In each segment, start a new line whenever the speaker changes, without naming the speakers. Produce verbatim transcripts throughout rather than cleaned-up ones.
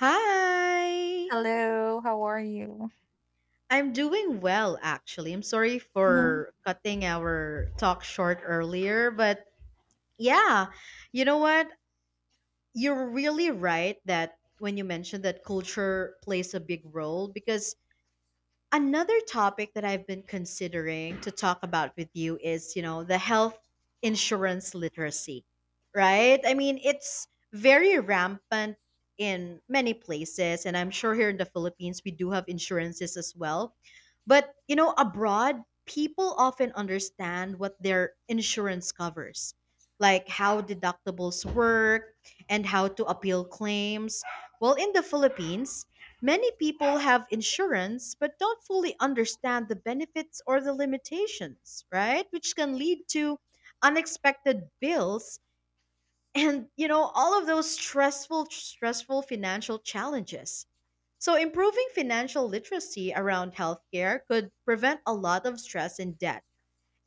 Hi.
Hello, how are you?
I'm doing well, actually. I'm sorry
Mhm.
for cutting our talk short earlier, but yeah, you know what? You're really right that when you mentioned that culture plays a big role because another topic that I've been considering to talk about with you is, you know, the health insurance literacy, right? I mean, it's very rampant in many places, and I'm sure here in the Philippines we do have insurances as well. But, you know, abroad, people often understand what their insurance covers, like how deductibles work and how to appeal claims. Well, in the Philippines, many people have insurance but don't fully understand the benefits or the limitations, right? Which can lead to unexpected bills and, you know, all of those stressful stressful financial challenges. So improving financial literacy around healthcare could prevent a lot of stress and debt.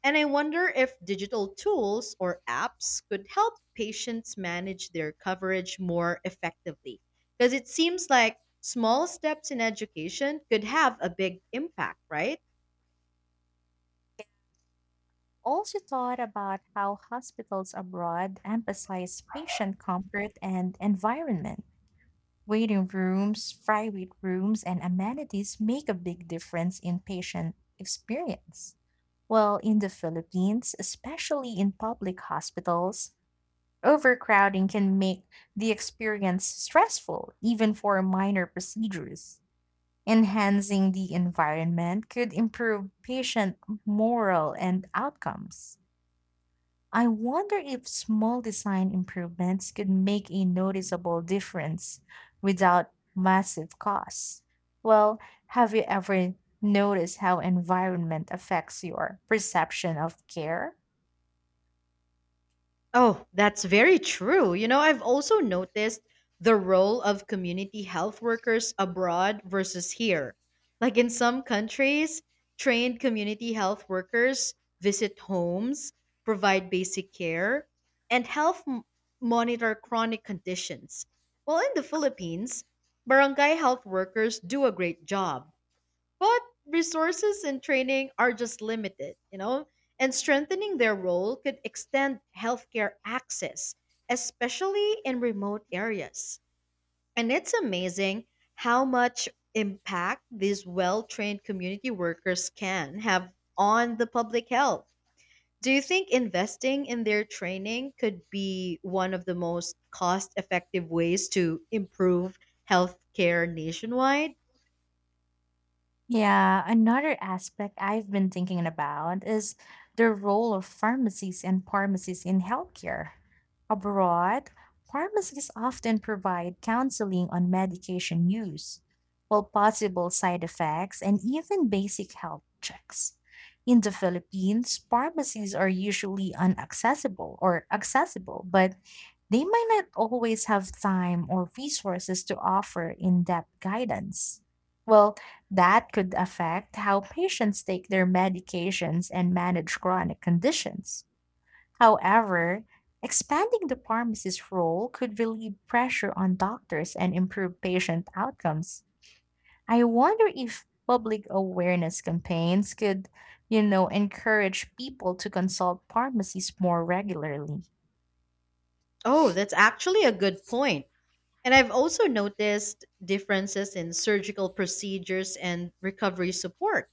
And I wonder if digital tools or apps could help patients manage their coverage more effectively. Because it seems like small steps in education could have a big impact, right?
Also thought about how hospitals abroad emphasize patient comfort and environment. Waiting rooms, private rooms, and amenities make a big difference in patient experience. While in the Philippines, especially in public hospitals, overcrowding can make the experience stressful, even for minor procedures. Enhancing the environment could improve patient morale and outcomes. I wonder if small design improvements could make a noticeable difference without massive costs. Well, have you ever noticed how environment affects your perception of care?
Oh, that's very true. You know, I've also noticed the role of community health workers abroad versus here. Like in some countries, trained community health workers visit homes, provide basic care, and help m- monitor chronic conditions. While in the Philippines, barangay health workers do a great job but resources and training are just limited, you know, and strengthening their role could extend healthcare access, especially in remote areas. And it's amazing how much impact these well trained community workers can have on the public health. Do you think investing in their training could be one of the most cost effective ways to improve healthcare nationwide?
Yeah, another aspect I've been thinking about is the role of pharmacies and pharmacies in healthcare. Abroad, pharmacies often provide counseling on medication use, all possible side effects, and even basic health checks. In the Philippines, pharmacies are usually unaccessible or accessible, but they might not always have time or resources to offer in depth guidance. Well, that could affect how patients take their medications and manage chronic conditions. However, expanding the pharmacist's role could relieve pressure on doctors and improve patient outcomes. I wonder if public awareness campaigns could, you know, encourage people to consult pharmacies more regularly.
Oh, that's actually a good point. And I've also noticed differences in surgical procedures and recovery support.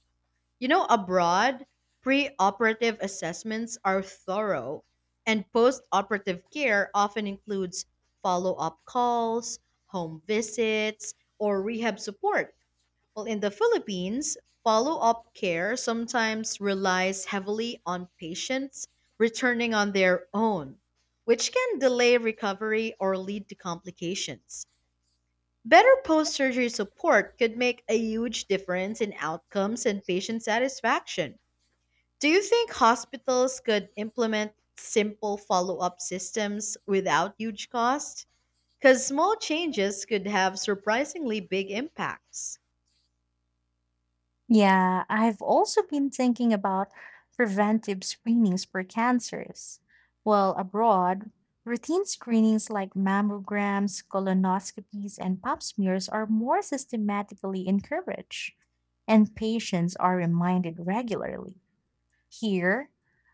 You know, abroad, pre-operative assessments are thorough, and post-operative care often includes follow up calls, home visits, or rehab support. Well, in the Philippines, follow up care sometimes relies heavily on patients returning on their own, which can delay recovery or lead to complications. Better post surgery support could make a huge difference in outcomes and patient satisfaction. Do you think hospitals could implement simple follow up systems without huge cost? Because small changes could have surprisingly big impacts.
Yeah, I've also been thinking about preventive screenings for cancers. Well, abroad, routine screenings like mammograms, colonoscopies, and pap smears are more systematically encouraged, and patients are reminded regularly. Here,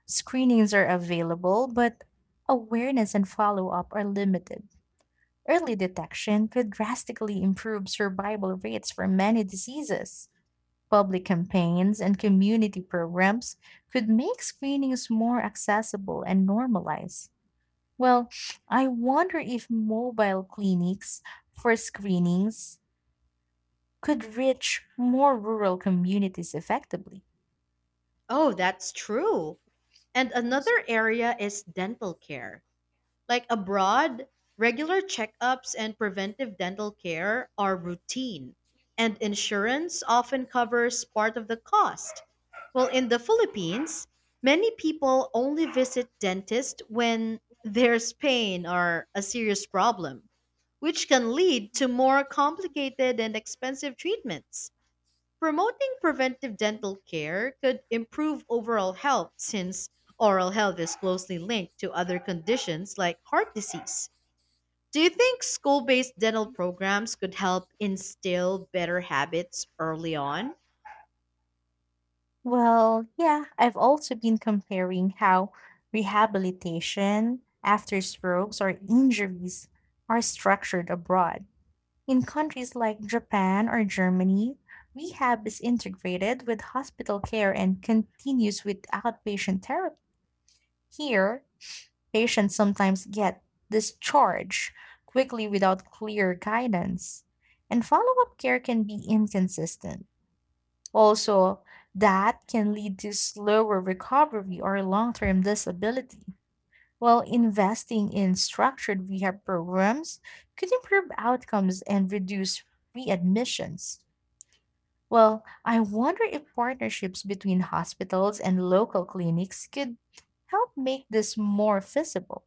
screenings are available, but awareness and follow up are limited. Early detection could drastically improve survival rates for many diseases. Public campaigns and community programs could make screenings more accessible and normalized. Well, I wonder if mobile clinics for screenings could reach more rural communities effectively.
Oh, that's true. And another area is dental care. Like abroad, regular checkups and preventive dental care are routine, and insurance often covers part of the cost. Well, in the Philippines, many people only visit dentists when there's pain or a serious problem, which can lead to more complicated and expensive treatments. Promoting preventive dental care could improve overall health since oral health is closely linked to other conditions like heart disease. Do you think school based dental programs could help instill better habits early on?
Well, yeah, I've also been comparing how rehabilitation after strokes or injuries are structured abroad. In countries like Japan or Germany, rehab is integrated with hospital care and continues with outpatient therapy. Here, patients sometimes get discharged quickly without clear guidance, and follow up care can be inconsistent. Also, that can lead to slower recovery or long term disability. While investing in structured rehab programs could improve outcomes and reduce readmissions. Well, I wonder if partnerships between hospitals and local clinics could help make this more feasible.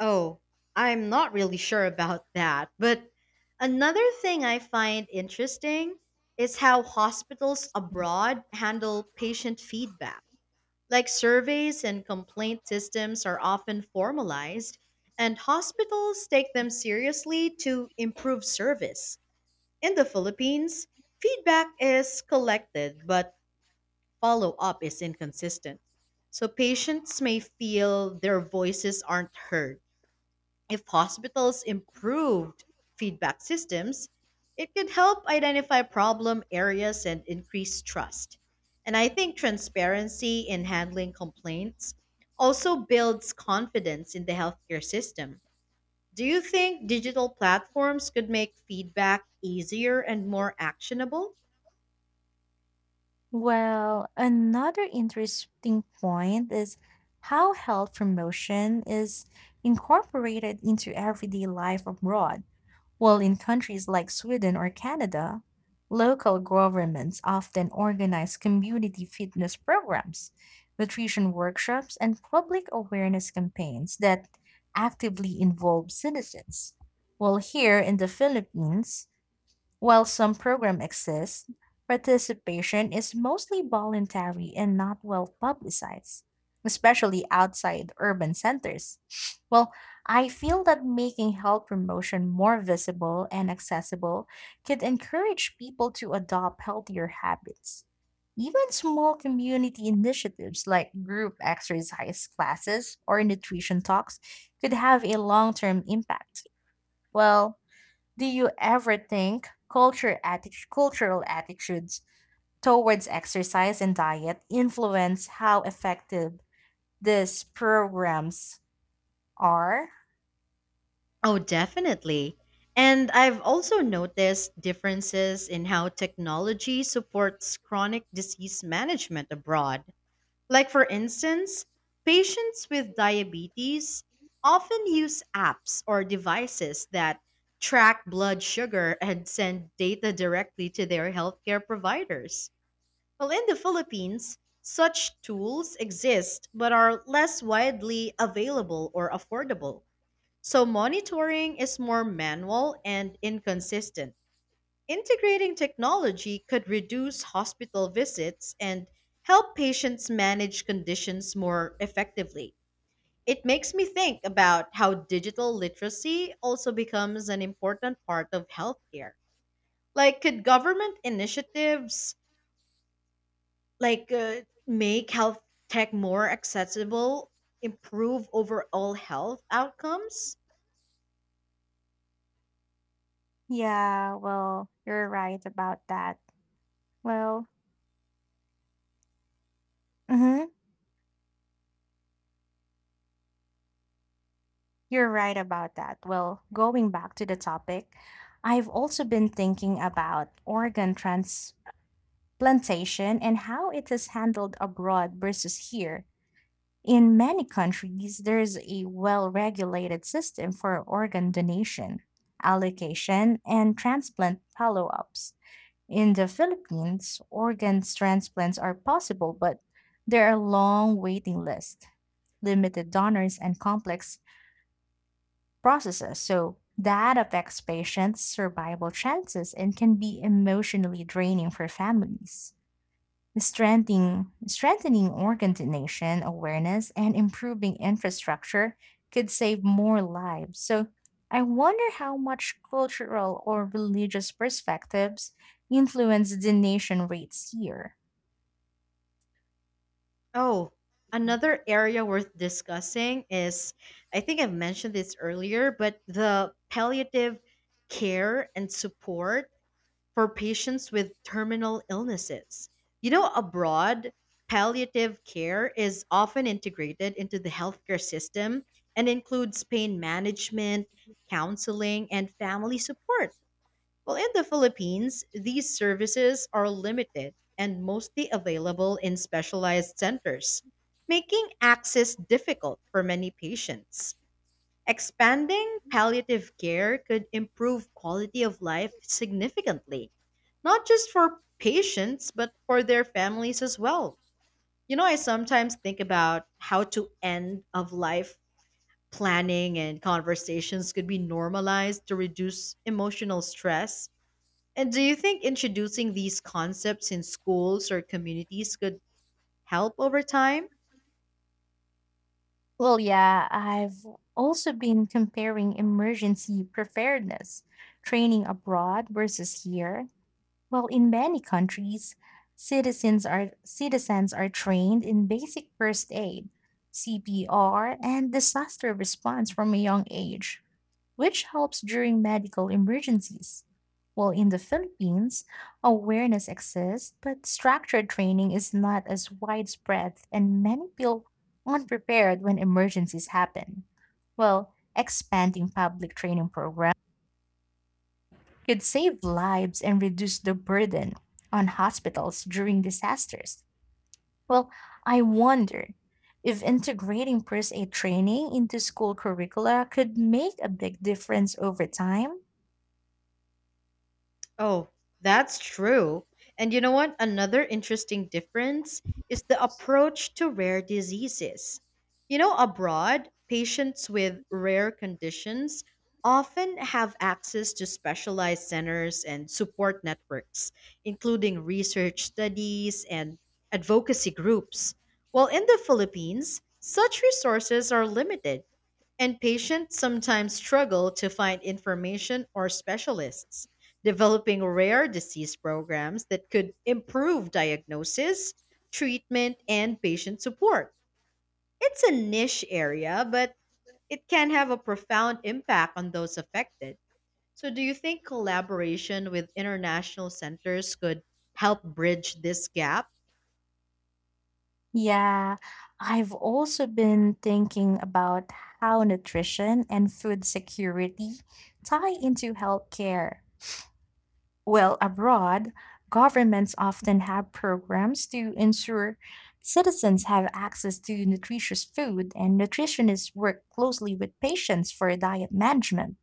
Oh, I'm not really sure about that. But another thing I find interesting is how hospitals abroad handle patient feedback. Like surveys and complaint systems are often formalized, and hospitals take them seriously to improve service. In the Philippines, feedback is collected, but follow up is inconsistent. So patients may feel their voices aren't heard. If hospitals improved feedback systems, it could help identify problem areas and increase trust. And I think transparency in handling complaints also builds confidence in the healthcare system. Do you think digital platforms could make feedback easier and more actionable?
Well, another interesting point is how health promotion is incorporated into everyday life abroad. While in countries like Sweden or Canada, local governments often organize community fitness programs, nutrition workshops, and public awareness campaigns that actively involve citizens. While here in the Philippines, while some programs exist, participation is mostly voluntary and not well publicized, especially outside urban centers. Well, I feel that making health promotion more visible and accessible could encourage people to adopt healthier habits. Even small community initiatives like group exercise classes or nutrition talks could have a long term impact. Well, do you ever think culture atti- cultural attitudes towards exercise and diet influence how effective these programs are?
Oh, definitely. And I've also noticed differences in how technology supports chronic disease management abroad. Like, for instance, patients with diabetes often use apps or devices that track blood sugar and send data directly to their healthcare providers. Well, in the Philippines, such tools exist but are less widely available or affordable. So, monitoring is more manual and inconsistent. Integrating technology could reduce hospital visits and help patients manage conditions more effectively. It makes me think about how digital literacy also becomes an important part of healthcare. Like, could government initiatives like uh, make health tech more accessible, improve overall health outcomes?
Yeah, well, you're right about that. Well, mhm, you're right about that. Well, going back to the topic, I've also been thinking about organ transplantation and how it is handled abroad versus here. In many countries, there is a well regulated system for organ donation, allocation, and transplant follow ups. In the Philippines, organ transplants are possible, but there are long waiting lists, limited donors, and complex processes. So that affects patients' survival chances and can be emotionally draining for families. Strengthening, strengthening organ donation awareness and improving infrastructure could save more lives. So, I wonder how much cultural or religious perspectives influence donation rates here.
Oh, another area worth discussing is I think I've mentioned this earlier, but the palliative care and support for patients with terminal illnesses. You know, abroad, palliative care is often integrated into the healthcare system and includes pain management, counseling, and family support. Well, in the Philippines, these services are limited and mostly available in specialized centers, making access difficult for many patients. Expanding palliative care could improve quality of life significantly, not just for patients, but for their families as well. You know, I sometimes think about how to end of life planning and conversations could be normalized to reduce emotional stress and do you think introducing these concepts in schools or communities could help over time?
Well, yeah, I've also been comparing emergency preparedness training abroad versus here. Well, in many countries, citizens are citizens are trained in basic first aid, C P R, and disaster response from a young age, which helps during medical emergencies. While in the Philippines, awareness exists, but structured training is not as widespread, and many feel unprepared when emergencies happen. Well, expanding public training programs could save lives and reduce the burden on hospitals during disasters. Well, I wonder if integrating first aid training into school curricula could make a big difference over time.
Oh, that's true. And you know what? Another interesting difference is the approach to rare diseases. You know, abroad, patients with rare conditions often have access to specialized centers and support networks, including research studies and advocacy groups. While in the Philippines, such resources are limited and patients sometimes struggle to find information or specialists. Developing rare disease programs that could improve diagnosis, treatment, and patient support. It's a niche area, but it can have a profound impact on those affected. So, do you think collaboration with international centers could help bridge this gap?
Yeah, I've also been thinking about how nutrition and food security tie into healthcare. Well, abroad, governments often have programs to ensure citizens have access to nutritious food, and nutritionists work closely with patients for diet management.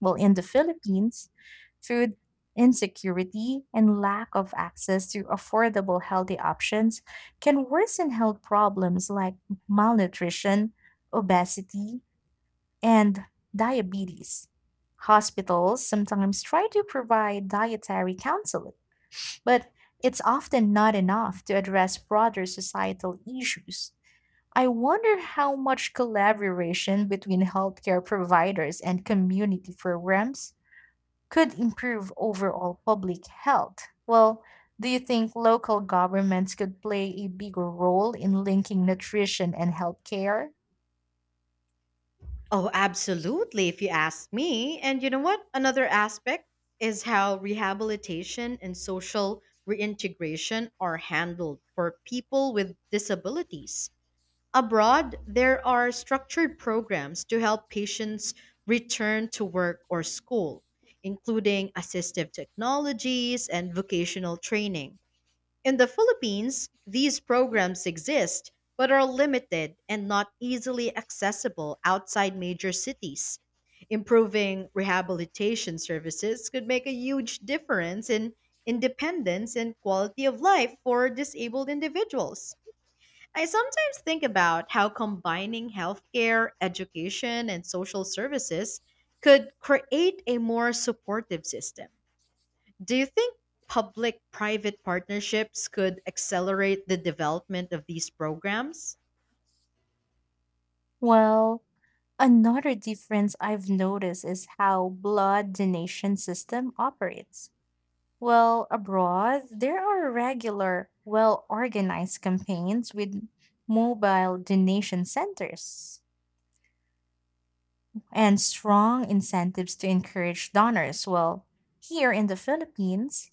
Well, in the Philippines, food insecurity and lack of access to affordable healthy options can worsen health problems like malnutrition, obesity, and diabetes. Hospitals sometimes try to provide dietary counseling, but it's often not enough to address broader societal issues. I wonder how much collaboration between healthcare providers and community programs could improve overall public health. Well, do you think local governments could play a bigger role in linking nutrition and healthcare?
Oh, absolutely, if you ask me. And you know what? Another aspect is how rehabilitation and social reintegration are handled for people with disabilities. Abroad, there are structured programs to help patients return to work or school, including assistive technologies and vocational training. In the Philippines, these programs exist but are limited and not easily accessible outside major cities. Improving rehabilitation services could make a huge difference in independence and quality of life for disabled individuals. I sometimes think about how combining healthcare, education, and social services could create a more supportive system. Do you think public private partnerships could accelerate the development of these programs?
Well, another difference I've noticed is how blood donation system operates. Well, abroad, there are regular, well-organized campaigns with mobile donation centers and strong incentives to encourage donors. Well, here in the Philippines,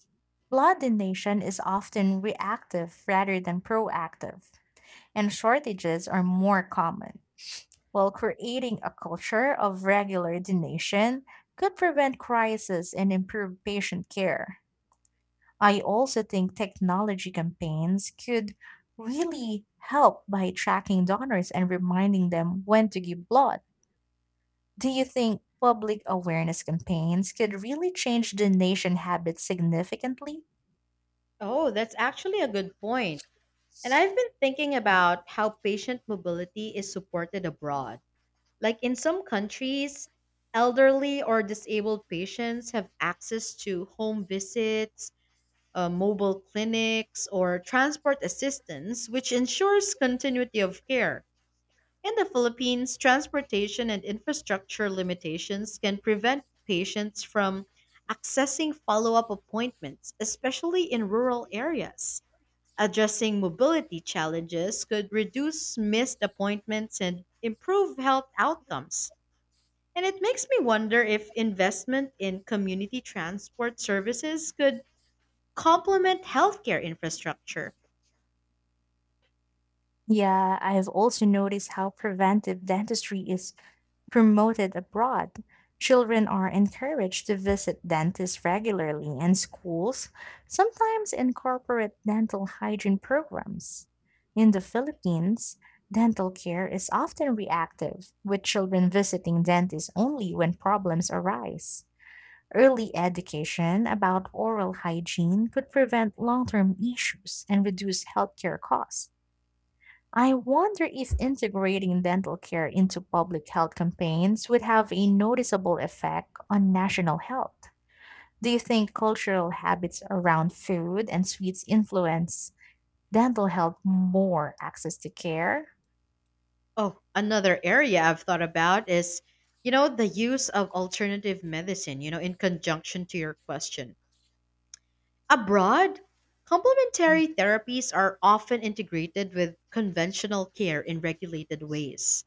blood donation is often reactive rather than proactive, and shortages are more common, while creating a culture of regular donation could prevent crisis and improve patient care. I also think technology campaigns could really help by tracking donors and reminding them when to give blood. Do you think public awareness campaigns could really change donation habits significantly?
Oh, that's actually a good point. And I've been thinking about how patient mobility is supported abroad. Like in some countries, elderly or disabled patients have access to home visits, uh, mobile clinics, or transport assistance, which ensures continuity of care. In the Philippines, transportation and infrastructure limitations can prevent patients from accessing follow up appointments, especially in rural areas. Addressing mobility challenges could reduce missed appointments and improve health outcomes. And it makes me wonder if investment in community transport services could complement healthcare infrastructure.
Yeah, I've also noticed how preventive dentistry is promoted abroad. Children are encouraged to visit dentists regularly, and schools sometimes incorporate dental hygiene programs. In the Philippines, dental care is often reactive, with children visiting dentists only when problems arise. Early education about oral hygiene could prevent long term issues and reduce healthcare costs. I wonder if integrating dental care into public health campaigns would have a noticeable effect on national health. Do you think cultural habits around food and sweets influence dental health more access to care?
Oh, another area I've thought about is, you know, the use of alternative medicine, you know, in conjunction to your question. Abroad, complementary therapies are often integrated with conventional care in regulated ways.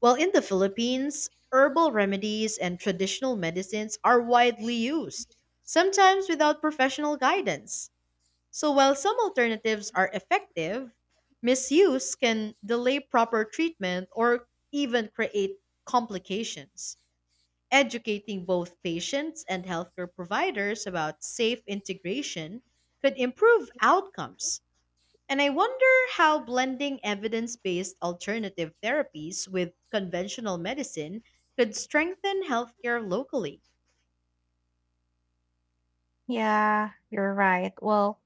While in the Philippines, herbal remedies and traditional medicines are widely used, sometimes without professional guidance. So while some alternatives are effective, misuse can delay proper treatment or even create complications. Educating both patients and healthcare providers about safe integration could improve outcomes. And I wonder how blending evidence based alternative therapies with conventional medicine could strengthen healthcare locally.
Yeah, you're right. Well,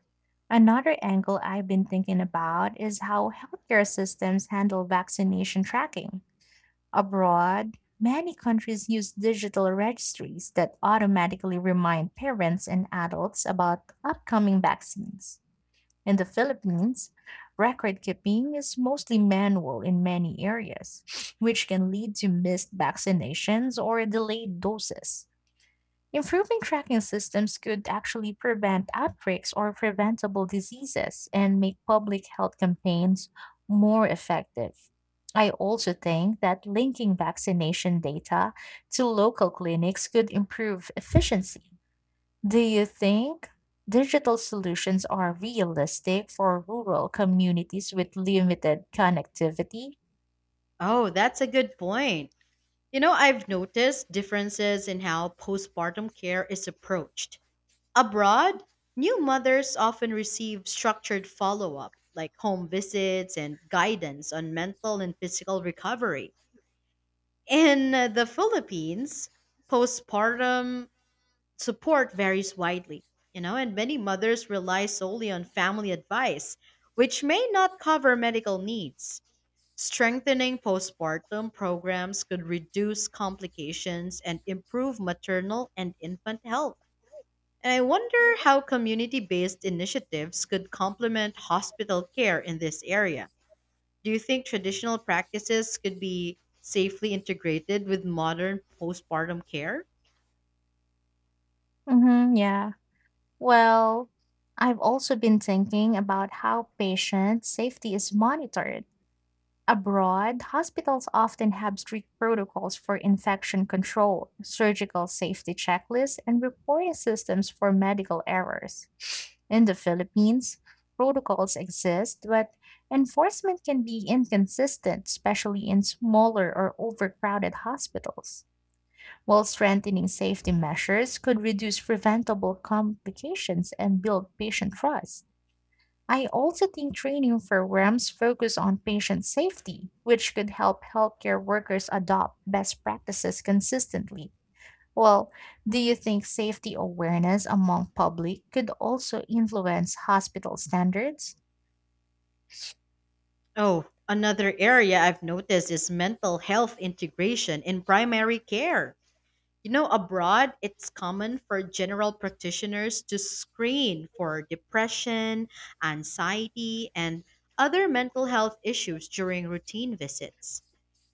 another angle I've been thinking about is how healthcare systems handle vaccination tracking. Abroad, many countries use digital registries that automatically remind parents and adults about upcoming vaccines. In the Philippines, record keeping is mostly manual in many areas, which can lead to missed vaccinations or delayed doses. Improving tracking systems could actually prevent outbreaks or preventable diseases and make public health campaigns more effective. I also think that linking vaccination data to local clinics could improve efficiency. Do you think digital solutions are realistic for rural communities with limited connectivity?
Oh, that's a good point. You know, I've noticed differences in how postpartum care is approached. Abroad, new mothers often receive structured follow up, like home visits and guidance on mental and physical recovery. In uh, the Philippines, postpartum support varies widely, you know, and many mothers rely solely on family advice, which may not cover medical needs. Strengthening postpartum programs could reduce complications and improve maternal and infant health. And I wonder how community based initiatives could complement hospital care in this area. Do you think traditional practices could be safely integrated with modern postpartum care?
hmm yeah. Well, I've also been thinking about how patient safety is monitored. Abroad, hospitals often have strict protocols for infection control, surgical safety checklists, and reporting systems for medical errors. In the Philippines, protocols exist, but enforcement can be inconsistent, especially in smaller or overcrowded hospitals, while strengthening safety measures could reduce preventable complications and build patient trust. I also think training programs focus on patient safety, which could help healthcare workers adopt best practices consistently. Well, do you think safety awareness among public could also influence hospital standards?
Oh, another area I've noticed is mental health integration in primary care. You know, abroad, it's common for general practitioners to screen for depression, anxiety, and other mental health issues during routine visits.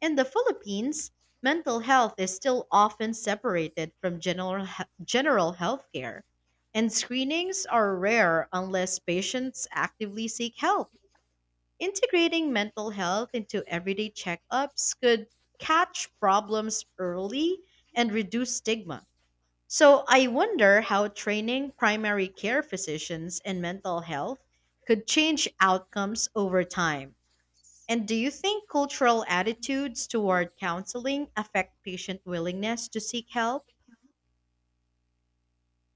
In the Philippines, mental health is still often separated from general, general health care, and screenings are rare unless patients actively seek help. Integrating mental health into everyday checkups could catch problems early and reduce stigma. So I wonder how training primary care physicians in mental health could change outcomes over time. And do you think cultural attitudes toward counseling affect patient willingness to seek help?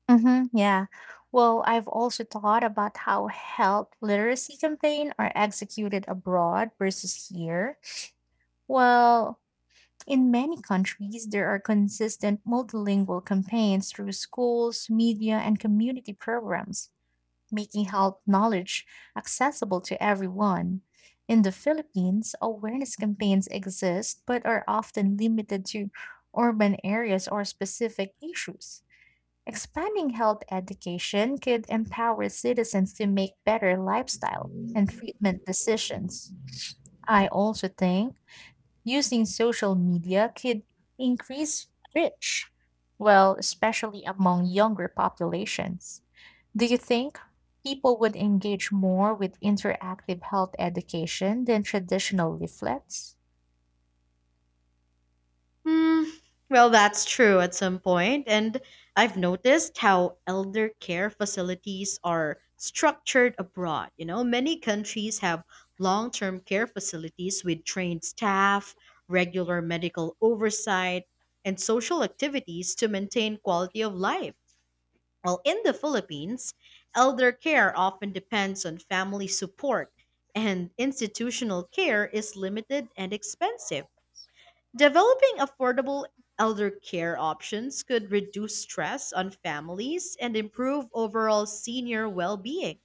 hmm yeah. Well, I've also thought about how health literacy campaigns are executed abroad versus here. Well, in many countries, there are consistent multilingual campaigns through schools, media, and community programs, making health knowledge accessible to everyone. In the Philippines, awareness campaigns exist but are often limited to urban areas or specific issues. Expanding health education could empower citizens to make better lifestyle and treatment decisions. I also think using social media could increase reach, well, especially among younger populations. Do you think people would engage more with interactive health education than traditional leaflets?
Hmm. Well, that's true at some point, and I've noticed how elder care facilities are structured abroad. You know, many countries have long term care facilities with trained staff, regular medical oversight, and social activities to maintain quality of life. While in the Philippines, elder care often depends on family support, and institutional care is limited and expensive. Developing affordable elder care options could reduce stress on families and improve overall senior well being.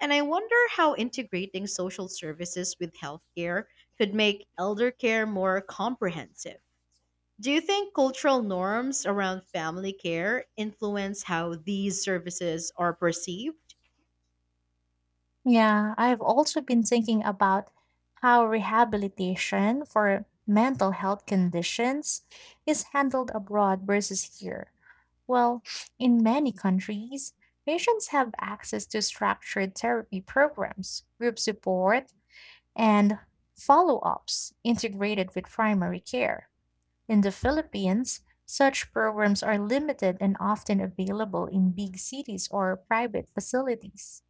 And I wonder how integrating social services with healthcare could make elder care more comprehensive. Do you think cultural norms around family care influence how these services are perceived?
Yeah, I've also been thinking about how rehabilitation for mental health conditions is handled abroad versus here. Well, in many countries, patients have access to structured therapy programs, group support, and follow ups integrated with primary care. In the Philippines, such programs are limited and often available in big cities or private facilities.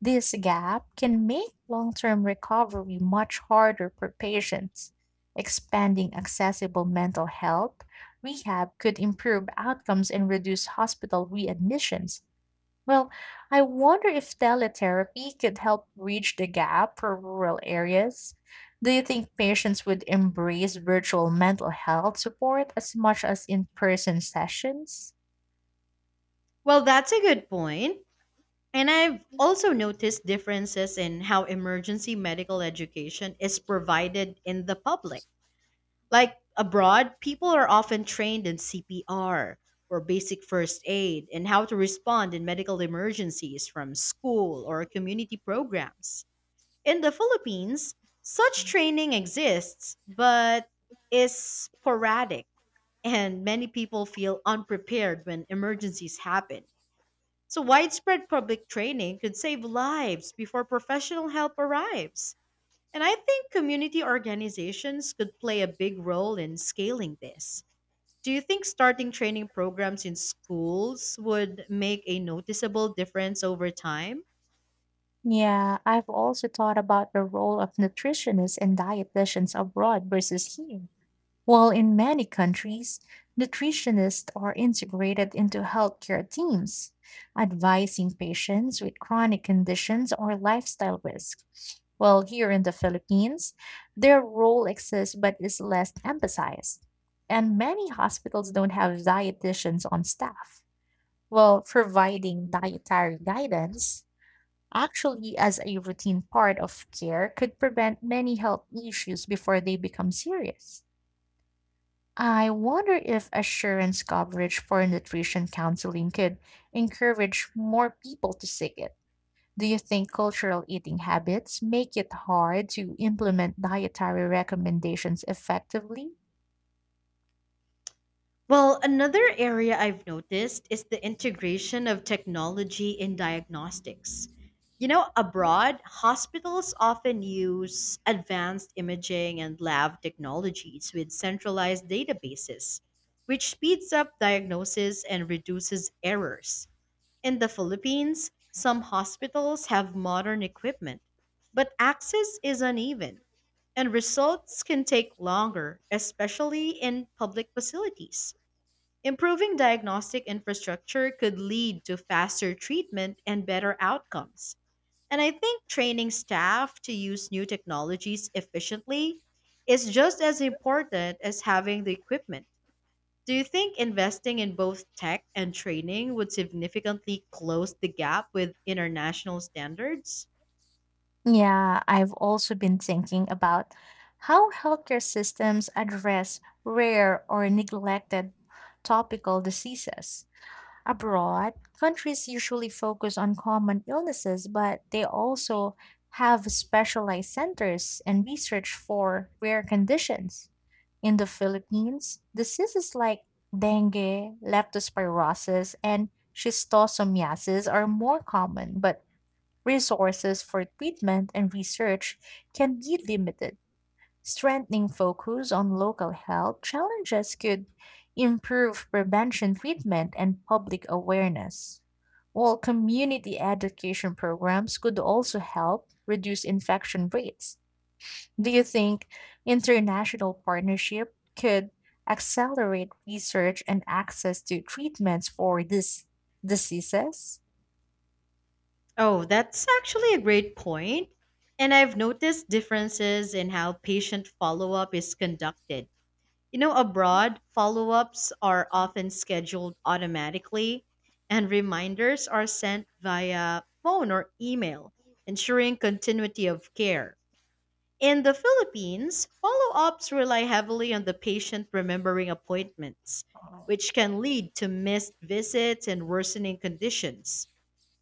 This gap can make long term recovery much harder for patients. Expanding accessible mental health rehab could improve outcomes and reduce hospital readmissions. Well, I wonder if teletherapy could help bridge the gap for rural areas. Do you think patients would embrace virtual mental health support as much as in person sessions?
Well, that's a good point. And I've also noticed differences in how emergency medical education is provided in the public. Like abroad, people are often trained in C P R or basic first aid and how to respond in medical emergencies from school or community programs. In the Philippines, such training exists but is sporadic, and many people feel unprepared when emergencies happen. So, widespread public training could save lives before professional help arrives. And I think community organizations could play a big role in scaling this. Do you think starting training programs in schools would make a noticeable difference over time?
Yeah, I've also thought about the role of nutritionists and dietitians abroad versus here. While in many countries, nutritionists are integrated into healthcare teams, advising patients with chronic conditions or lifestyle risks. While here in the Philippines, their role exists but is less emphasized. And many hospitals don't have dietitians on staff, while providing dietary guidance actually as a routine part of care could prevent many health issues before they become serious. I wonder if assurance coverage for nutrition counseling could encourage more people to seek it. Do you think cultural eating habits make it hard to implement dietary recommendations effectively?
Well, another area I've noticed is the integration of technology in diagnostics. You know, abroad, hospitals often use advanced imaging and lab technologies with centralized databases, which speeds up diagnosis and reduces errors. In the Philippines, some hospitals have modern equipment, but access is uneven and results can take longer, especially in public facilities. Improving diagnostic infrastructure could lead to faster treatment and better outcomes. And I think training staff to use new technologies efficiently is just as important as having the equipment. Do you think investing in both tech and training would significantly close the gap with international standards?
Yeah, I've also been thinking about how healthcare systems address rare or neglected topical diseases. Abroad, countries usually focus on common illnesses, but they also have specialized centers and research for rare conditions. In the Philippines, diseases like dengue, leptospirosis, and schistosomiasis are more common, but resources for treatment and research can be limited. Strengthening focus on local health challenges could improve prevention treatment and public awareness, while community education programs could also help reduce infection rates. Do you think international partnership could accelerate research and access to treatments for these diseases?
Oh, that's actually a great point. And I've noticed differences in how patient follow up is conducted. You know, abroad, follow ups are often scheduled automatically, and reminders are sent via phone or email, ensuring continuity of care. In the Philippines, follow ups rely heavily on the patient remembering appointments, which can lead to missed visits and worsening conditions.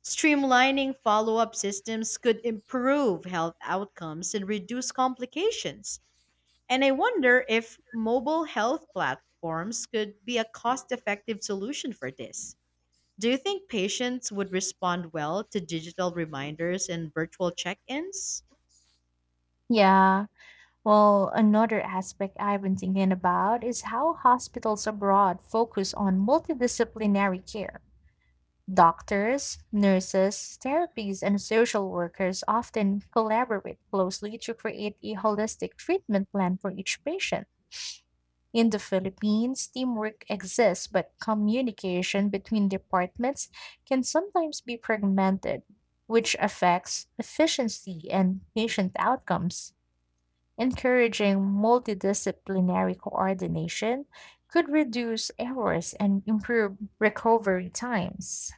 Streamlining follow up systems could improve health outcomes and reduce complications. And I wonder if mobile health platforms could be a cost effective solution for this. Do you think patients would respond well to digital reminders and virtual check ins?
Yeah, well, another aspect I've been thinking about is how hospitals abroad focus on multidisciplinary care. Doctors, nurses, therapists, and social workers often collaborate closely to create a holistic treatment plan for each patient. In the Philippines, teamwork exists, but communication between departments can sometimes be fragmented, which affects efficiency and patient outcomes. Encouraging multidisciplinary coordination could reduce errors and improve recovery times.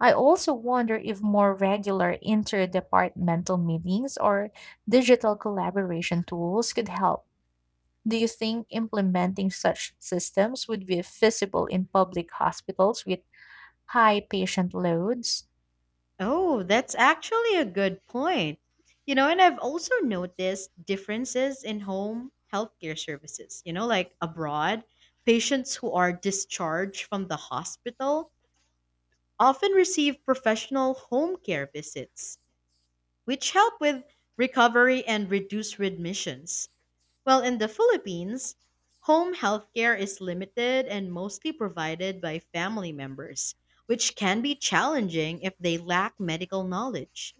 I also wonder if more regular interdepartmental meetings or digital collaboration tools could help. Do you think implementing such systems would be feasible in public hospitals with high patient loads?
Oh, that's actually a good point. You know, and I've also noticed differences in home healthcare services. You know, like abroad, patients who are discharged from the hospital often receive professional home care visits, which help with recovery and reduce readmissions. Well, in the Philippines, home healthcare is limited and mostly provided by family members, which can be challenging if they lack medical knowledge.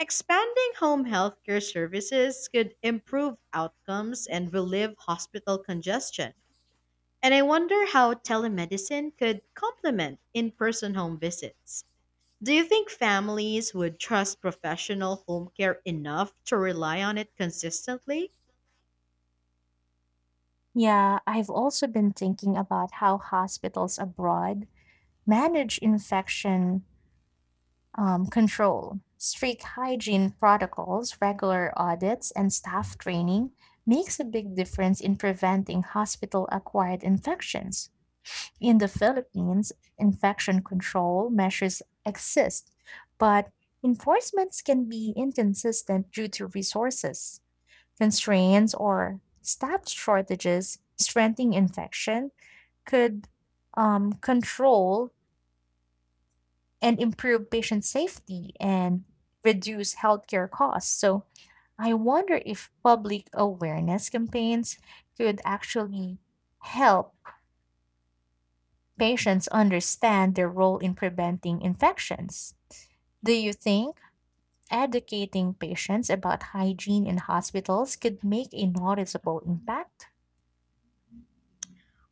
Expanding home healthcare services could improve outcomes and relieve hospital congestion. And I wonder how telemedicine could complement in person home visits. Do you think families would trust professional home care enough to rely on it consistently?
Yeah, I've also been thinking about how hospitals abroad manage infection um, control, strict hygiene protocols, regular audits, and staff training makes a big difference in preventing hospital acquired infections. In the Philippines, infection control measures exist, but enforcements can be inconsistent due to resources constraints or staff shortages. Strengthening infection could um, control and improve patient safety and reduce healthcare costs. So I wonder if public awareness campaigns could actually help patients understand their role in preventing infections. Do you think educating patients about hygiene in hospitals could make a noticeable impact?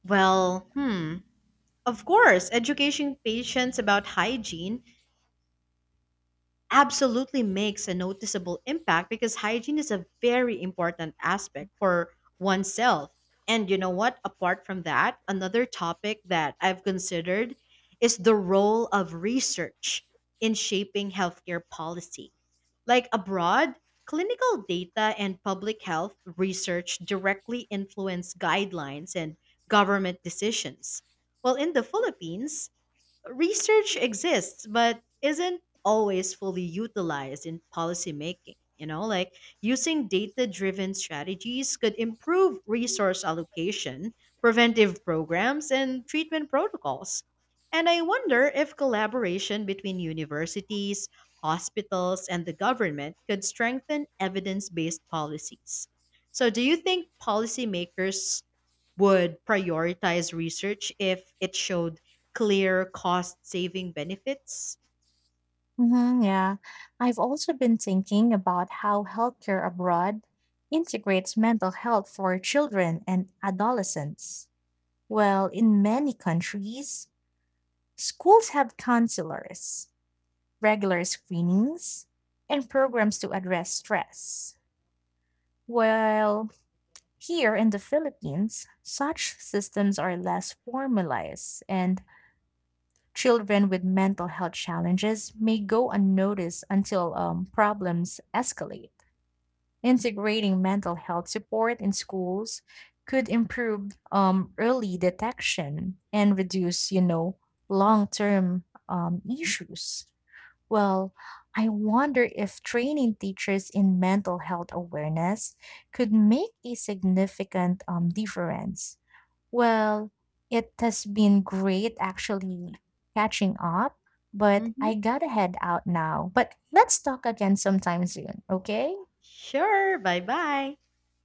Well, hmm. Of course, educating patients about hygiene absolutely makes a noticeable impact because hygiene is a very important aspect for oneself. And you know what? Apart from that, another topic that I've considered is the role of research in shaping healthcare policy. Like abroad, clinical data and public health research directly influence guidelines and government decisions. Well, in the Philippines, research exists but isn't always fully utilized in policy making. You know, like using data driven strategies could improve resource allocation, preventive programs, and treatment protocols. And I wonder if collaboration between universities, hospitals, and the government could strengthen evidence based policies. So, do you think policymakers would prioritize research if it showed clear cost saving benefits?
Mhm, yeah. I've also been thinking about how healthcare abroad integrates mental health for children and adolescents. Well, in many countries, schools have counselors, regular screenings, and programs to address stress. While here in the Philippines, such systems are less formalized, and children with mental health challenges may go unnoticed until um, problems escalate. Integrating mental health support in schools could improve um, early detection and reduce, you know, long term um, issues. Well, I wonder if training teachers in mental health awareness could make a significant um, difference. Well, it has been great actually catching up, but
Hmm.
I gotta head out now. But let's talk again sometime soon, okay?
Sure, bye bye.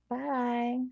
Bye.